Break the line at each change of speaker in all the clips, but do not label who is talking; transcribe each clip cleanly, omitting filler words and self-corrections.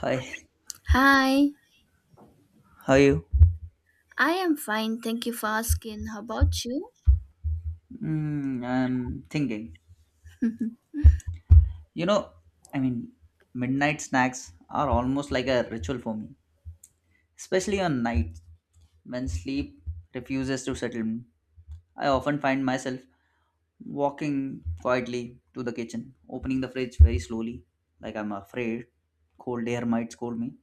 Hi,
Hi,
how are you?
I am fine. Thank you for asking. How about you?
I'm thinking. You know, I mean, midnight snacks are almost like a ritual for me, especially on nights when sleep refuses to settle me. I often find myself walking quietly to the kitchen, opening the fridge very slowly, like I'm afraid cold air might scold me.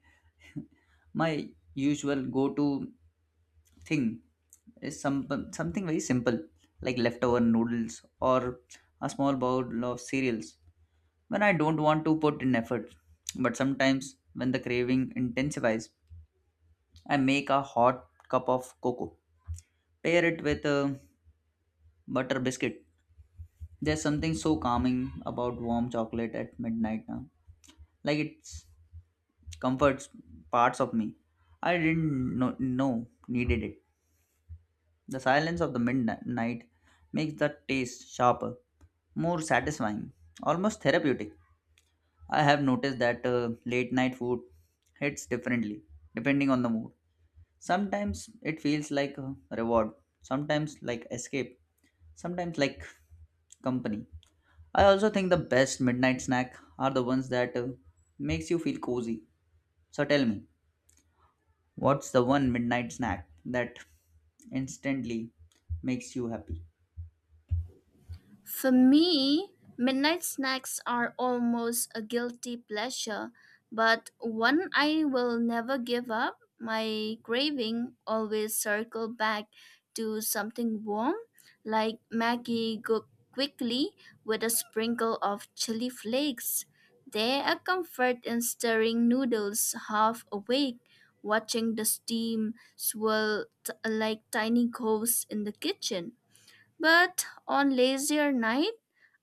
My usual go to thing is something very simple like leftover noodles or a small bowl of cereals when I don't want to put in effort. But sometimes when the craving intensifies, I make a hot cup of cocoa. Pair it with a butter biscuit. There's something so calming about warm chocolate at midnight now. Like it comforts parts of me I didn't know needed it. The silence of the midnight makes the taste sharper, more satisfying, almost therapeutic. I have noticed that late night food hits differently depending on the mood. Sometimes it feels like a reward, sometimes like escape, sometimes like company. I also think the best midnight snack are the ones that makes you feel cozy. So tell me, what's the one midnight snack that instantly makes you happy?
For me, midnight snacks are almost a guilty pleasure, but one I will never give up. My craving always circle back to something warm, like Maggie cooked quickly with a sprinkle of chili flakes. There a comfort in stirring noodles half awake, watching the steam like tiny ghosts in the kitchen. But on lazier night,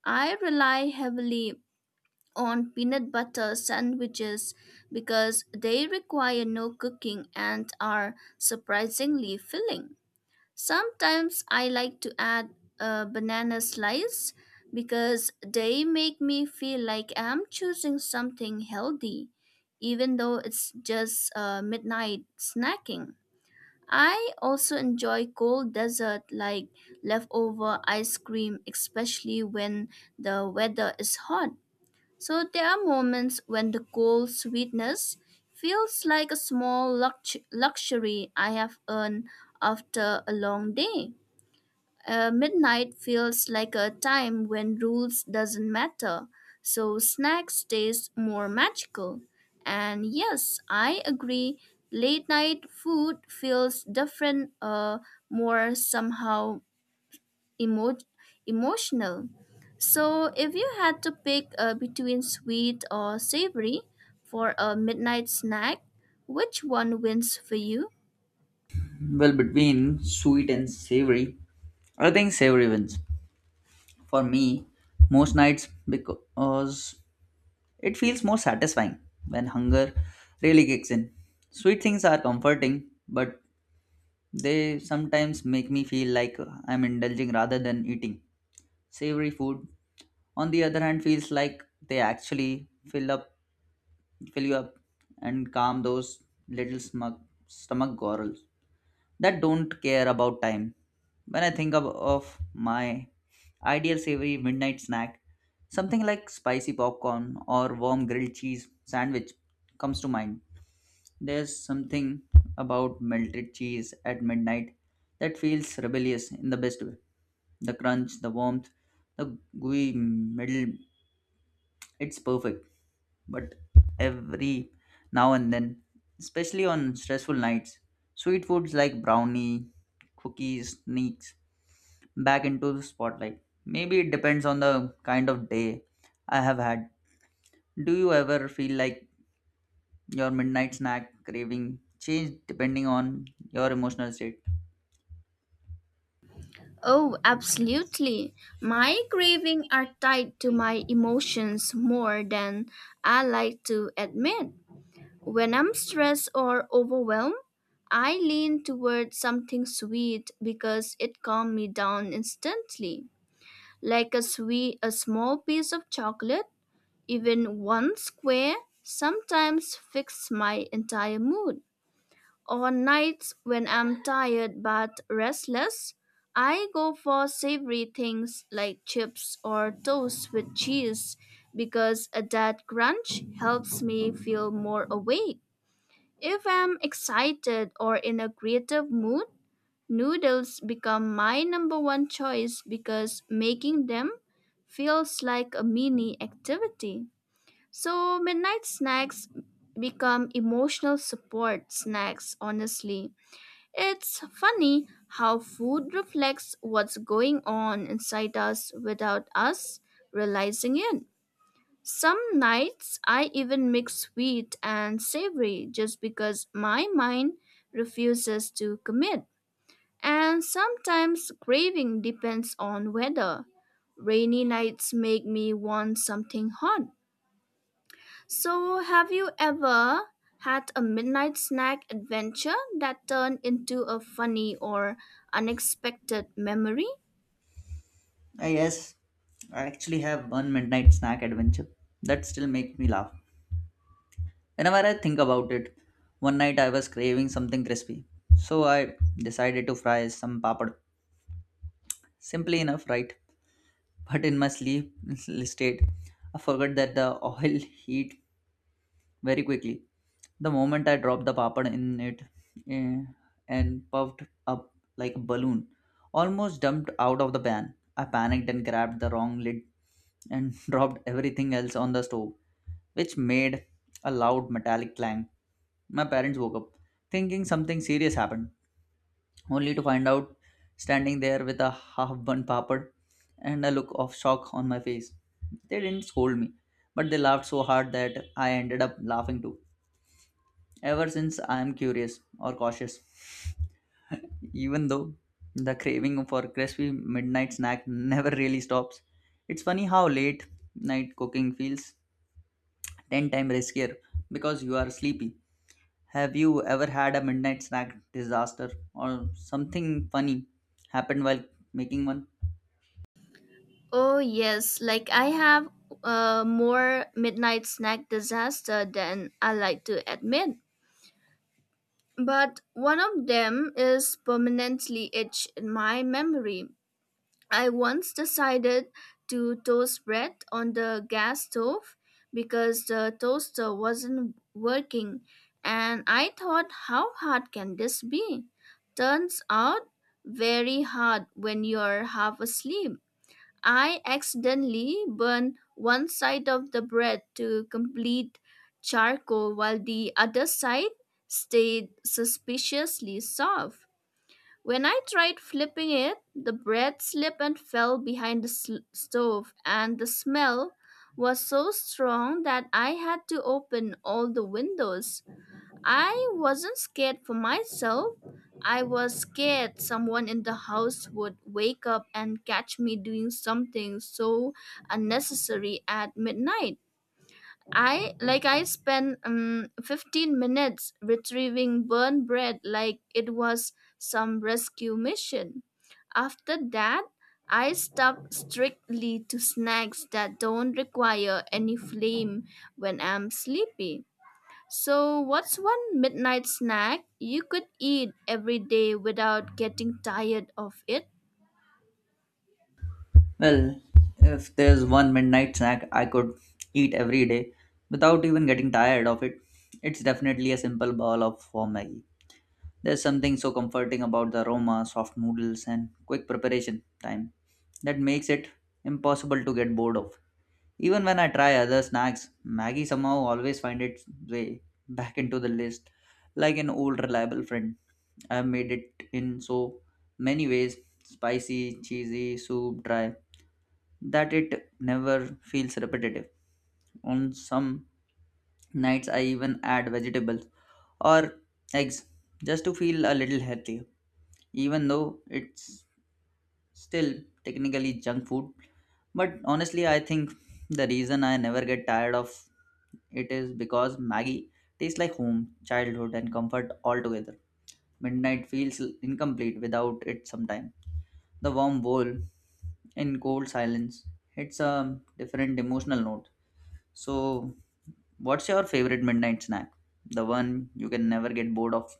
I rely heavily on peanut butter sandwiches because they require no cooking and are surprisingly filling. Sometimes I like to add a banana slice because they make me feel like I'm choosing something healthy, even though it's just midnight snacking. I also enjoy cold dessert like leftover ice cream, especially when the weather is hot. So there are moments when the cold sweetness feels like a small luxury I have earned after a long day. Midnight feels like a time when rules doesn't matter, so snacks taste more magical. And yes, I agree. Late night food feels different, more somehow emo- emotional. So if you had to pick between sweet or savory for a midnight snack, which one wins for you?
Well, between sweet and savory, I think savory wins for me most nights because it feels more satisfying when hunger really kicks in. Sweet things are comforting, but they sometimes make me feel like I'm indulging rather than eating. Savory food, on the other hand, feels like they actually fill up, fill you up, and calm those little smug stomach gorals. That don't care about time. When I think of my ideal savory midnight snack, something like spicy popcorn or warm grilled cheese sandwich comes to mind. There's something about melted cheese at midnight that feels rebellious in the best way. The crunch, the warmth, the gooey middle, it's perfect but every now and then, especially on stressful nights, sweet foods like brownie, cookies sneaks back into the spotlight. Maybe it depends on the kind of day I have had. Do you ever feel like your midnight snack craving changed depending on your emotional state?
Oh, absolutely. My cravings are tied to my emotions more than I like to admit. When I'm stressed or overwhelmed, I lean toward something sweet because it calms me down instantly. Like a sweet a small piece of chocolate, even one square, sometimes fix my entire mood. On nights when I'm tired but restless, I go for savory things like chips or toast with cheese because that crunch helps me feel more awake. If I'm excited or in a creative mood, noodles become my number one choice because making them feels like a mini activity. So, midnight snacks become emotional support snacks, honestly it's funny how food reflects what's going on inside us without us realizing it. Some nights I even mix sweet and savory just because my mind refuses to commit. And sometimes craving depends on weather. Rainy nights make me want something hot, so, have you ever had a midnight snack adventure that turned into a funny or unexpected memory?
I yes, I actually have one midnight snack adventure that still makes me laugh. Whenever I think about it, one night I was craving something crispy, so I decided to fry some papad. Simply enough, right? But in my sleep state, I forgot that the oil heat very quickly. The moment I dropped the papad in it eh, and puffed up like a balloon, almost dumped out of the pan. I panicked and grabbed the wrong lid and dropped everything else on the stove, which made a loud metallic clang. My parents woke up thinking something serious happened, only to find out standing there with a half burnt papad and a look of shock on my face. They didn't scold me, but they laughed so hard that I ended up laughing too. Ever since, I am curious or cautious, even though the craving for crispy midnight snack never really stops. It's funny how late night cooking feels 10 times riskier because you are sleepy. Have you ever had a midnight snack disaster or something funny happened while making one?
Oh, yes, like I have more midnight snack disaster than I like to admit. But one of them is permanently etched in my memory. I once decided to toast bread on the gas stove because the toaster wasn't working, and I thought, how hard can this be? Turns out, very hard when you're half asleep. I accidentally burned one side of the bread to complete charcoal while the other side stayed suspiciously soft. When I tried flipping it, the bread slipped and fell behind the stove, and the smell was so strong that I had to open all the windows. I wasn't scared for myself, I was scared someone in the house would wake up and catch me doing something so unnecessary at midnight. I like I spent 15 minutes retrieving burnt bread like it was some rescue mission. After that, I stuck strictly to snacks that don't require any flame when I'm sleepy. So, what's one midnight snack you could eat every day without getting tired of it?
Well, if there's one midnight snack I could eat every day without even getting tired of it, it's definitely a simple bowl of warm Maggi. There's something so comforting about the aroma, soft noodles, and quick preparation time that makes it impossible to get bored of. Even when I try other snacks, Maggie somehow always finds its way back into the list like an old reliable friend. I've made it in so many ways spicy, cheesy, soup, dry that it never feels repetitive. On some nights, I even add vegetables or eggs just to feel a little healthier, even though it's Still, technically junk food. But honestly, I think the reason I never get tired of it is because Maggie tastes like home, childhood, and comfort all together. Midnight feels incomplete without it sometimes. The warm bowl in cold silence hits a different emotional note. So, what's your favorite midnight snack? The one you can never get bored of?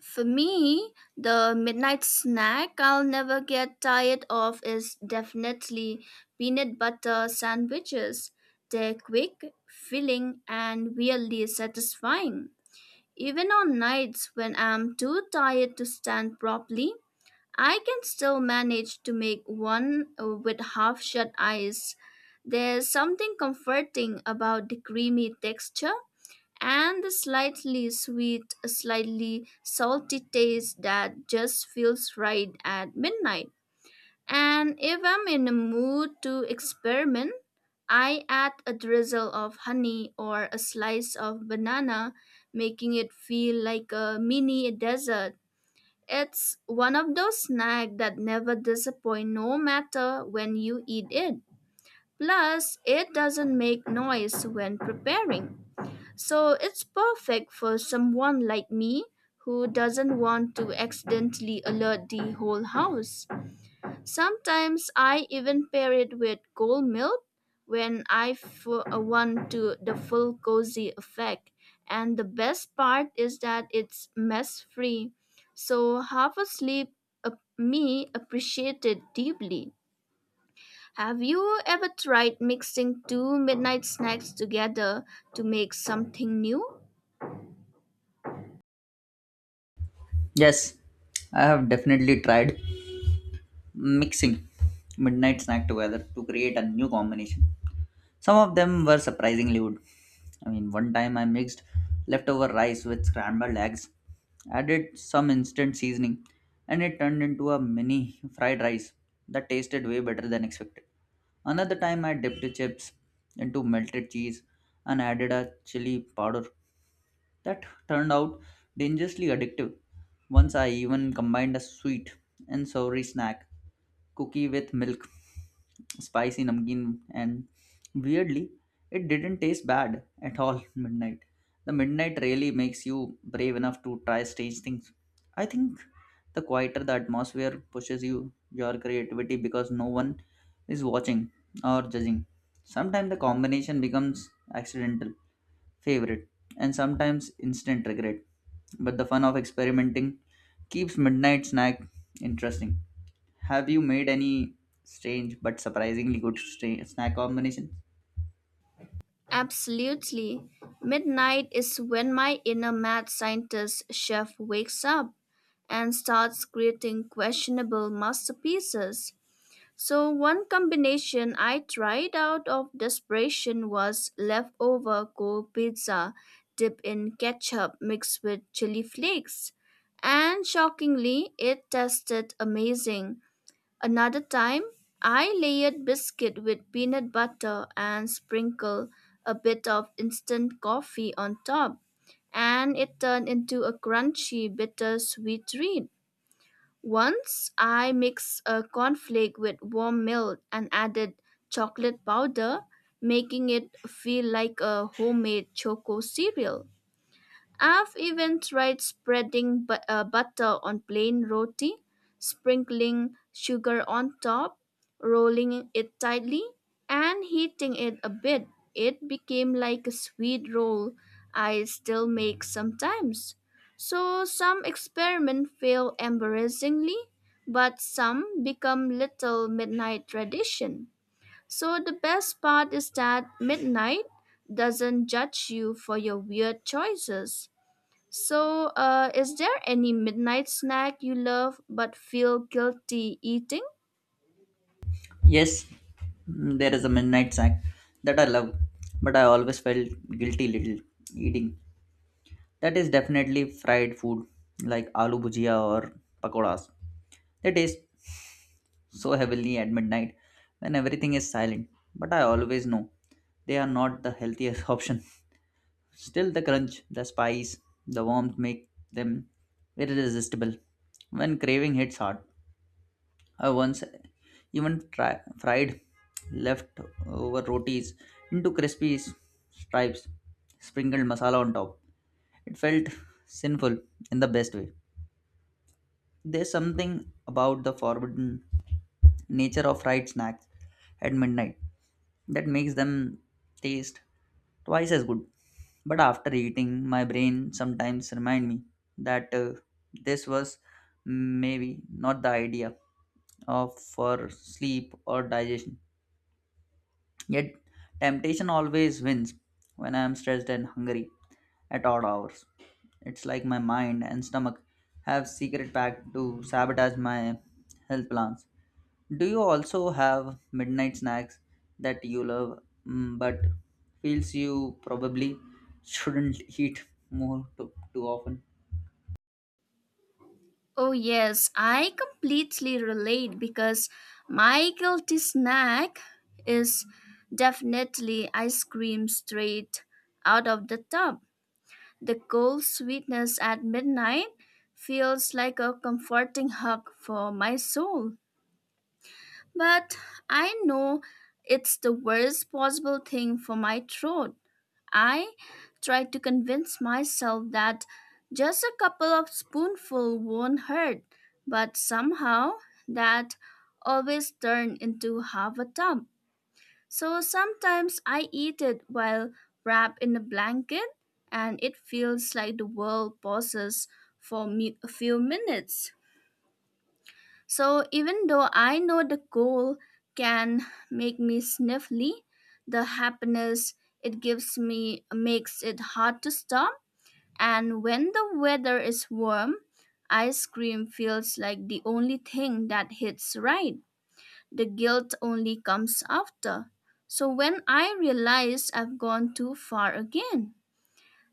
For me, the midnight snack I'll never get tired of is definitely peanut butter sandwiches. They're quick, filling, and weirdly satisfying. Even on nights when I'm too tired to stand properly, I can still manage to make one with half shut eyes. There's something comforting about the creamy texture and the slightly sweet, slightly salty taste that just feels right at midnight. And if I'm in a mood to experiment, I add a drizzle of honey or a slice of banana, making it feel like a mini dessert. It's one of those snacks that never disappoint no matter when you eat it. Plus, it doesn't make noise when preparing. So it's perfect for someone like me who doesn't want to accidentally alert the whole house. Sometimes I even pair it with cold milk when I want to the full cozy effect. And the best part is that it's mess free. So half asleep uh, me appreciate it deeply. Have you ever tried mixing two midnight snacks together to make something new?
Yes, I have definitely tried. Mixing midnight snack together to create a new combination. Some of them were surprisingly good. I mean, one time I mixed leftover rice with scrambled eggs, added some instant seasoning, and it turned into a mini fried rice that tasted way better than expected. Another time I dipped the chips into melted cheese and added a chili powder that turned out dangerously addictive. Once I even combined a sweet and savory snack, cookie with milk, spicy namkeen, and weirdly, it didn't taste bad at all midnight. The midnight really makes you brave enough to try strange things. I think the quieter the atmosphere pushes you your creativity because no one is watching or judging. Sometimes the combination becomes accidental favorite, and sometimes instant regret. But the fun of experimenting keeps midnight snack interesting. Have you made any strange but surprisingly good snack combinations?
Absolutely. Midnight is when my inner mad scientist chef wakes up and starts creating questionable masterpieces. So, one combination I tried out of desperation was leftover cold pizza dipped in ketchup mixed with chili flakes. And shockingly, it tasted amazing. Another time, I layered biscuit with peanut butter and sprinkled a bit of instant coffee on top, and it turned into a crunchy, bittersweet treat. Once I mixed a cornflake with warm milk and added chocolate powder, making it feel like a homemade choco cereal. I've even tried spreading butter on plain roti, sprinkling sugar on top, rolling it tightly, and heating it a bit. It became like a sweet roll I still make sometimes. So some experiments fail embarrassingly, but some become little midnight tradition. So the best part is that midnight doesn't judge you for your weird choices. So, is there any midnight snack you love but feel guilty eating?
Yes, mm, there is a midnight snack that I love, but I always felt guilty little eating. That is definitely fried food like aloo bhujia or pakoras. They taste so heavily at midnight when everything is silent. But I always know they are not the healthiest option. Still, the crunch, the spice, the warmth make them irresistible. When craving hits hard, I once even fried leftover rotis into crispy stripes, sprinkled masala on top. It felt sinful in the best way. There's something about the forbidden nature of fried snacks at midnight that makes them taste twice as good. But after eating, my brain sometimes remind me that this was maybe not the idea of for sleep or digestion. Yet temptation always wins when I am stressed and hungry at odd hours. It's like my mind and stomach have secret pact to sabotage my health plans. Do you also have midnight snacks that you love mm, but feels you probably shouldn't eat more too often?
Oh, yes, I completely relate because my guilty snack is definitely ice cream straight out of the tub. The cold sweetness at midnight feels like a comforting hug for my soul. But I know it's the worst possible thing for my throat. I tried to convince myself that just a couple of spoonful won't hurt, but somehow that always turned into half a tub. So sometimes I eat it while wrapped in a blanket and it feels like the world pauses for me a few minutes. So even though I know the goal can make me sniffly, the happiness it gives me makes it hard to stop. And when the weather is warm, ice cream feels like the only thing that hits right. The guilt only comes after. So when I realize I've gone too far again.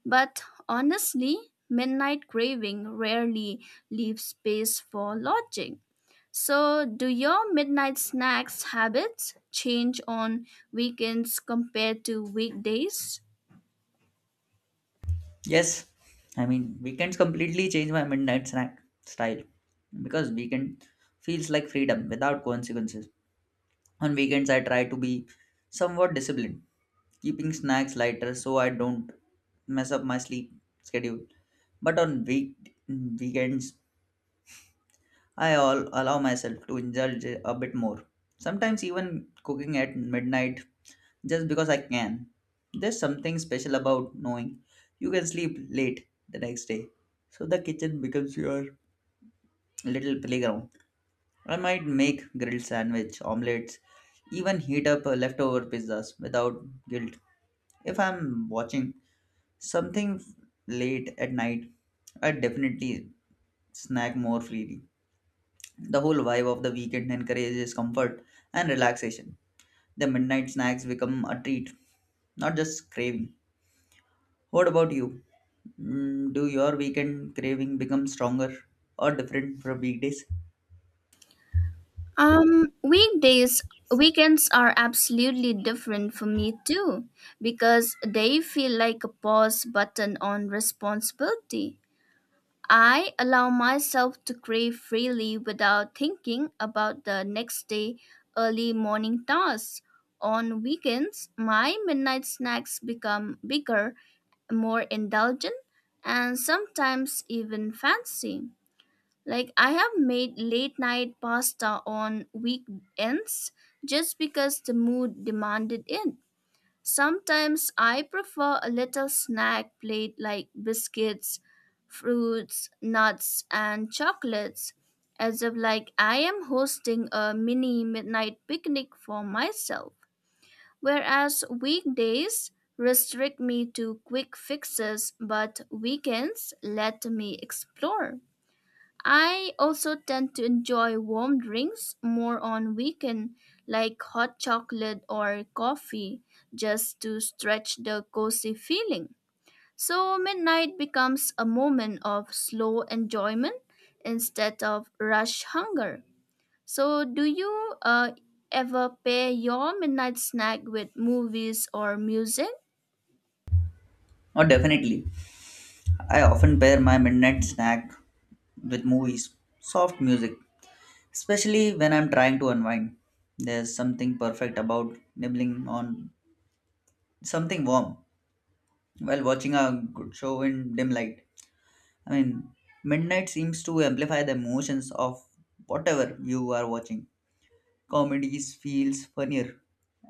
But honestly, midnight craving rarely leaves space for logic. So, do your midnight snacks habits change on weekends compared to weekdays?
Yes, I mean weekends completely change my midnight snack style because weekend feels like freedom without consequences. On weekends I try to be somewhat disciplined, keeping snacks lighter so I don't mess up my sleep schedule. But on weekends I allow myself to indulge a bit more. Sometimes even cooking at midnight just because I can. There's something special about knowing you can sleep late the next day. So the kitchen becomes your little playground. I might make grilled sandwich, omelets, even heat up leftover pizzas without guilt. If I'm watching something late at night, I definitely snack more freely. The whole vibe of the weekend encourages comfort and relaxation. The midnight snacks become a treat, not just craving. What about you? Mm, do your weekend craving become stronger or different from weekdays?
Um, weekdays, weekends are absolutely different for me too, because they feel like a pause button on responsibility. I allow myself to crave freely without thinking about the next day early morning tasks. On weekends, my midnight snacks become bigger, more indulgent, and sometimes even fancy. Like I have made late night pasta on weekends just because the mood demanded it. Sometimes I prefer a little snack plate like biscuits, fruits, nuts, and chocolates, as if like I am hosting a mini midnight picnic for myself. Whereas weekdays restrict me to quick fixes, but weekends let me explore. I also tend to enjoy warm drinks more on weekend like hot chocolate or coffee just to stretch the cozy feeling. So midnight becomes a moment of slow enjoyment instead of rush hunger. So do you ever pair your midnight snack with movies or music?
Oh, definitely. I often pair my midnight snack with movies, soft music, especially when I'm trying to unwind. There's something perfect about nibbling on something warm while watching a good show in dim light. I mean, midnight seems to amplify the emotions of whatever you are watching. Comedies feels funnier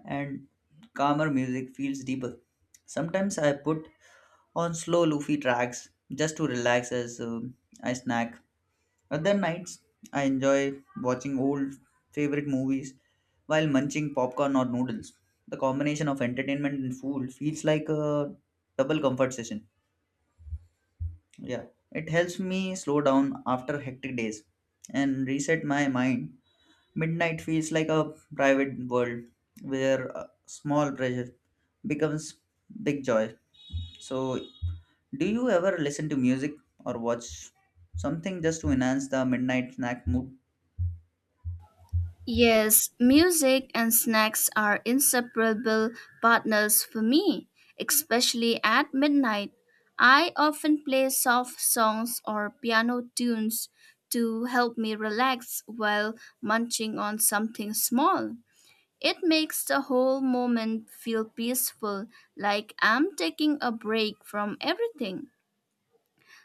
and calmer music feels deeper. Sometimes I put on slow loofy tracks just to relax as I snack. Other nights I enjoy watching old favorite movies while munching popcorn or noodles. The combination of entertainment and food feels like a double comfort session. Yeah, it helps me slow down after hectic days and reset my mind. Midnight feels like a private world where a small pressure becomes big joy. So, do you ever listen to music or watch something just to enhance the midnight snack mood?
Yes, music and snacks are inseparable partners for me, especially at midnight. I often play soft songs or piano tunes to help me relax while munching on something small. It makes the whole moment feel peaceful, like I'm taking a break from everything.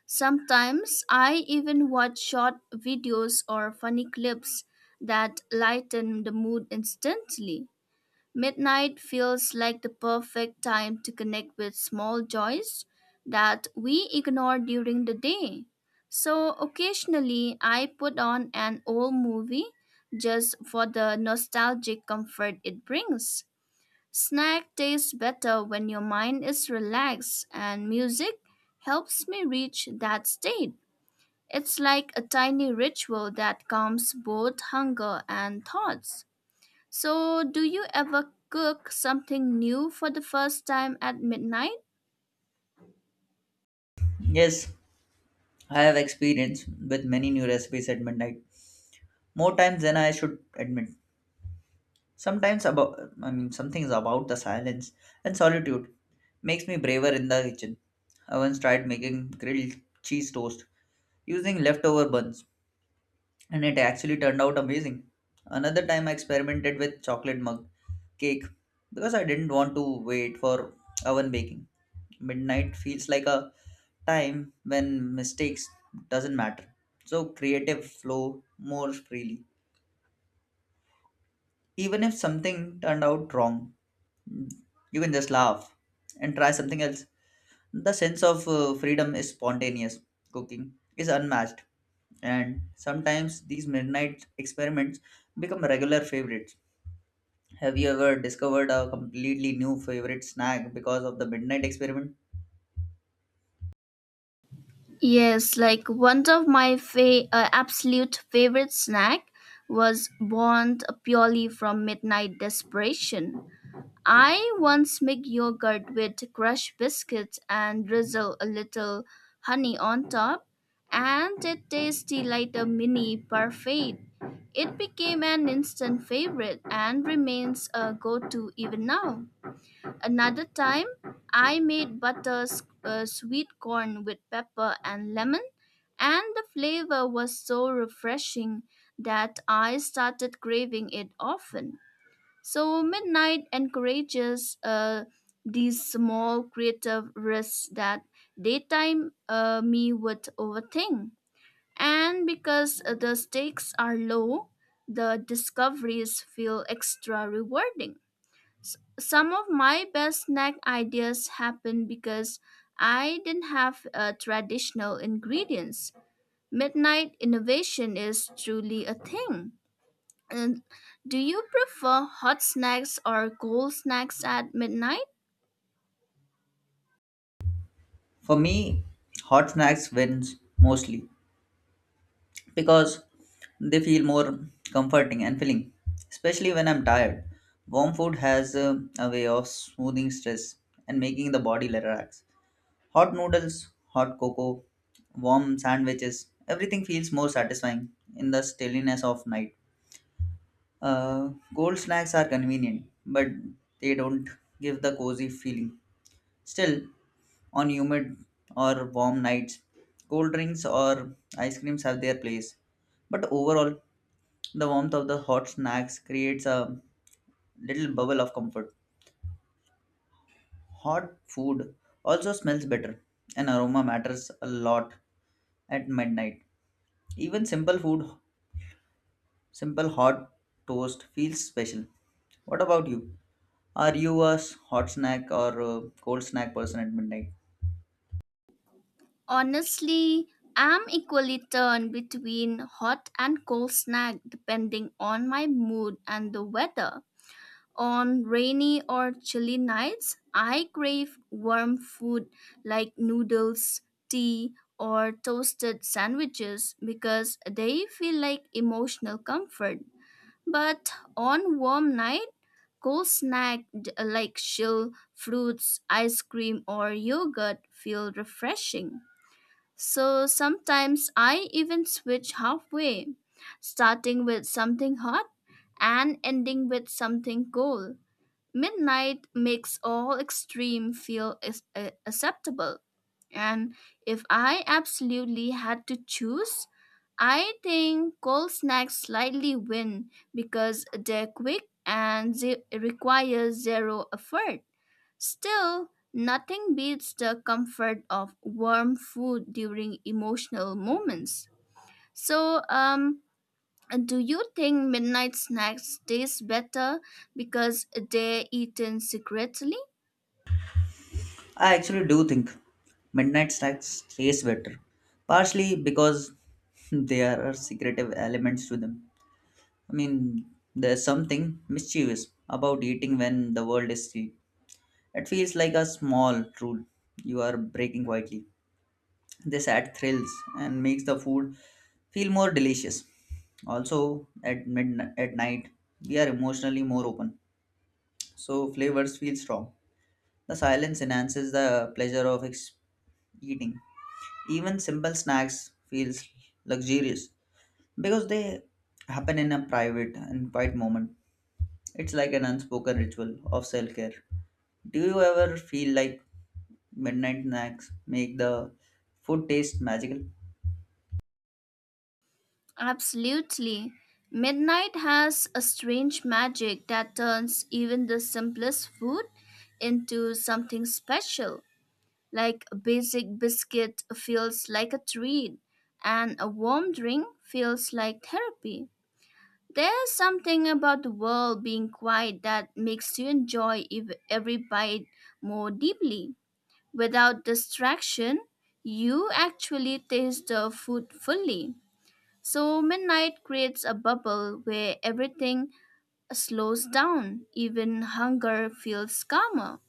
Sometimes I even watch short videos or funny clips that lighten the mood instantly. Midnight feels like the perfect time to connect with small joys that we ignore during the day. So occasionally I put on an old movie just for the nostalgic comfort it brings. Snack tastes better when your mind is relaxed, and music helps me reach that state. It's like a tiny ritual that calms both hunger and thoughts. So, do you ever cook something new for the first time at midnight?
Yes, I have experience with many new recipes at midnight, more times than I should admit. Sometimes about I mean some things about the silence and solitude makes me braver in the kitchen. I once tried making grilled cheese toast using leftover buns and it actually turned out amazing. Another time I experimented with chocolate mug cake because I didn't want to wait for oven baking. Midnight feels like a time when mistakes doesn't matter. So creative flow more freely, even if something turned out wrong you can just laugh and try something else. The sense of freedom is spontaneous cooking is unmatched, and sometimes these midnight experiments become regular favorites. Have you ever discovered a completely new favorite snack because of the midnight experiment?
Yes, like one of my absolute favorite snack was born purely from midnight desperation. I once make yogurt with crushed biscuits and drizzle a little honey on top, and it tasted like a mini parfait. It became an instant favorite and remains a go to even now. Another time, I made sweet corn with pepper and lemon, and the flavor was so refreshing that I started craving it often. So midnight encourages these small creative risks that daytime me would overthink. And because the stakes are low, the discoveries feel extra rewarding. Some of my best snack ideas happen because I didn't have traditional ingredients. Midnight innovation is truly a thing. Uh, do you prefer hot snacks or cold snacks at midnight?
For me hot snacks wins mostly because they feel more comforting and filling, especially when I'm tired. Warm food has a way of smoothing stress and making the body relax. Hot noodles, hot cocoa, warm sandwiches, everything feels more satisfying in the stillness of night. Cold snacks are convenient, but they don't give the cozy feeling. Still, on humid or warm nights, cold drinks or ice creams have their place. But overall, the warmth of the hot snacks creates a little bubble of comfort. Hot food also smells better, and aroma matters a lot at midnight. Even simple food, simple hot toast feels special. What about you? Are you a hot snack or a cold snack person at midnight?
Honestly, I'm equally turned between hot and cold snack depending on my mood and the weather. On rainy or chilly nights, I crave warm food like noodles, tea, or toasted sandwiches because they feel like emotional comfort. But on warm nights, cold like chill fruits, ice cream, or yogurt feel refreshing. So sometimes I even switch halfway, starting with something hot and ending with something cold. Midnight makes all extreme feel acceptable. And if I absolutely had to choose, I think cold snacks slightly win because they're quick and they require zero effort. Still, nothing beats the comfort of warm food during emotional moments. So, do you think midnight snacks taste better because they're eaten secretly?
I actually do think midnight snacks taste better, partially because there are secretive elements to them. I mean, there's something mischievous about eating when the world is asleep. It feels like a small rule you are breaking quietly. This adds thrills and makes the food feel more delicious. Also, at midnight, at night, we are emotionally more open, so flavors feel strong. The silence enhances the pleasure of eating. Even simple snacks feels luxurious because they happen in a private and quiet moment. It's like an unspoken ritual of self-care. Do you ever feel like midnight snacks make the food taste magical?
Absolutely. Midnight has a strange magic that turns even the simplest food into something special. Like a basic biscuit feels like a treat, and a warm drink feels like therapy. There's something about the world being quiet that makes you enjoy every bite more deeply. Without distraction, you actually taste the food fully. So, midnight creates a bubble where everything slows down, even hunger feels calmer,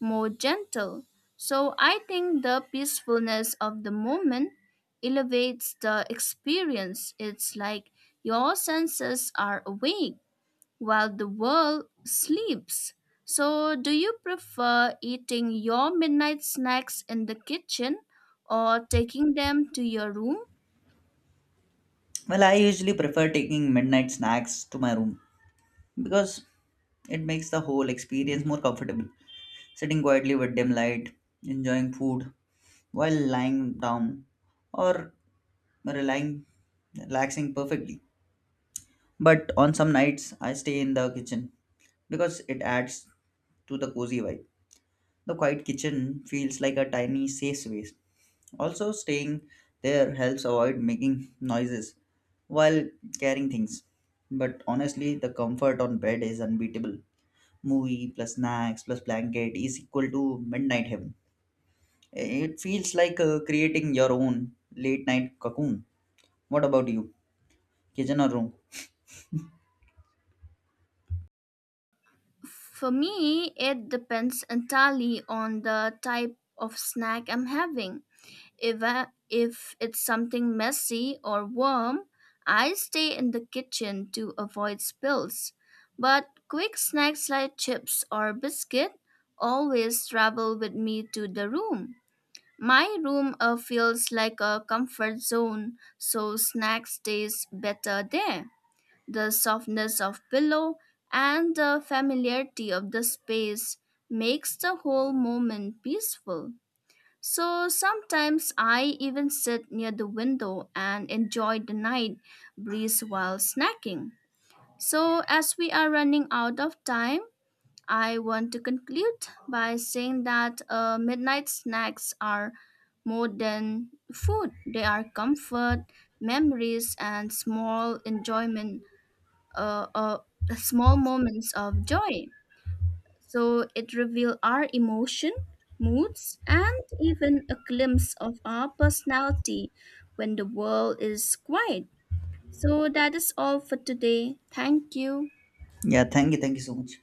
more gentle. So, I think the peacefulness of the moment elevates the experience. It's like your senses are awake while the world sleeps. So, do you prefer eating your midnight snacks in the kitchen or taking them to your room?
Well, I usually prefer taking midnight snacks to my room because it makes the whole experience more comfortable. Sitting quietly with dim light, enjoying food while lying down or relying, relaxing perfectly. But on some nights, I stay in the kitchen because it adds to the cozy vibe. The quiet kitchen feels like a tiny safe space. Also, staying there helps avoid making noises while carrying things. But honestly, the comfort on bed is unbeatable. Movie plus snacks plus blanket is equal to midnight heaven. It feels like creating your own late night cocoon. What about you? Kitchen or room?
For me, it depends entirely on the type of snack I'm having. If it's something messy or warm, I stay in the kitchen to avoid spills. But quick snacks like chips or biscuit always travel with me to the room. My room feels like a comfort zone, so snacks taste better there. The softness of pillow and the familiarity of the space makes the whole moment peaceful. So sometimes I even sit near the window and enjoy the night breeze while snacking. So as we are running out of time, I want to conclude by saying that midnight snacks are more than food. They are comfort, memories, and small enjoyment uh, uh, small moments of joy. So it reveals our emotion, moods, and even a glimpse of our personality when the world is quiet. So that is all for today. Thank you.
Yeah, thank you so much.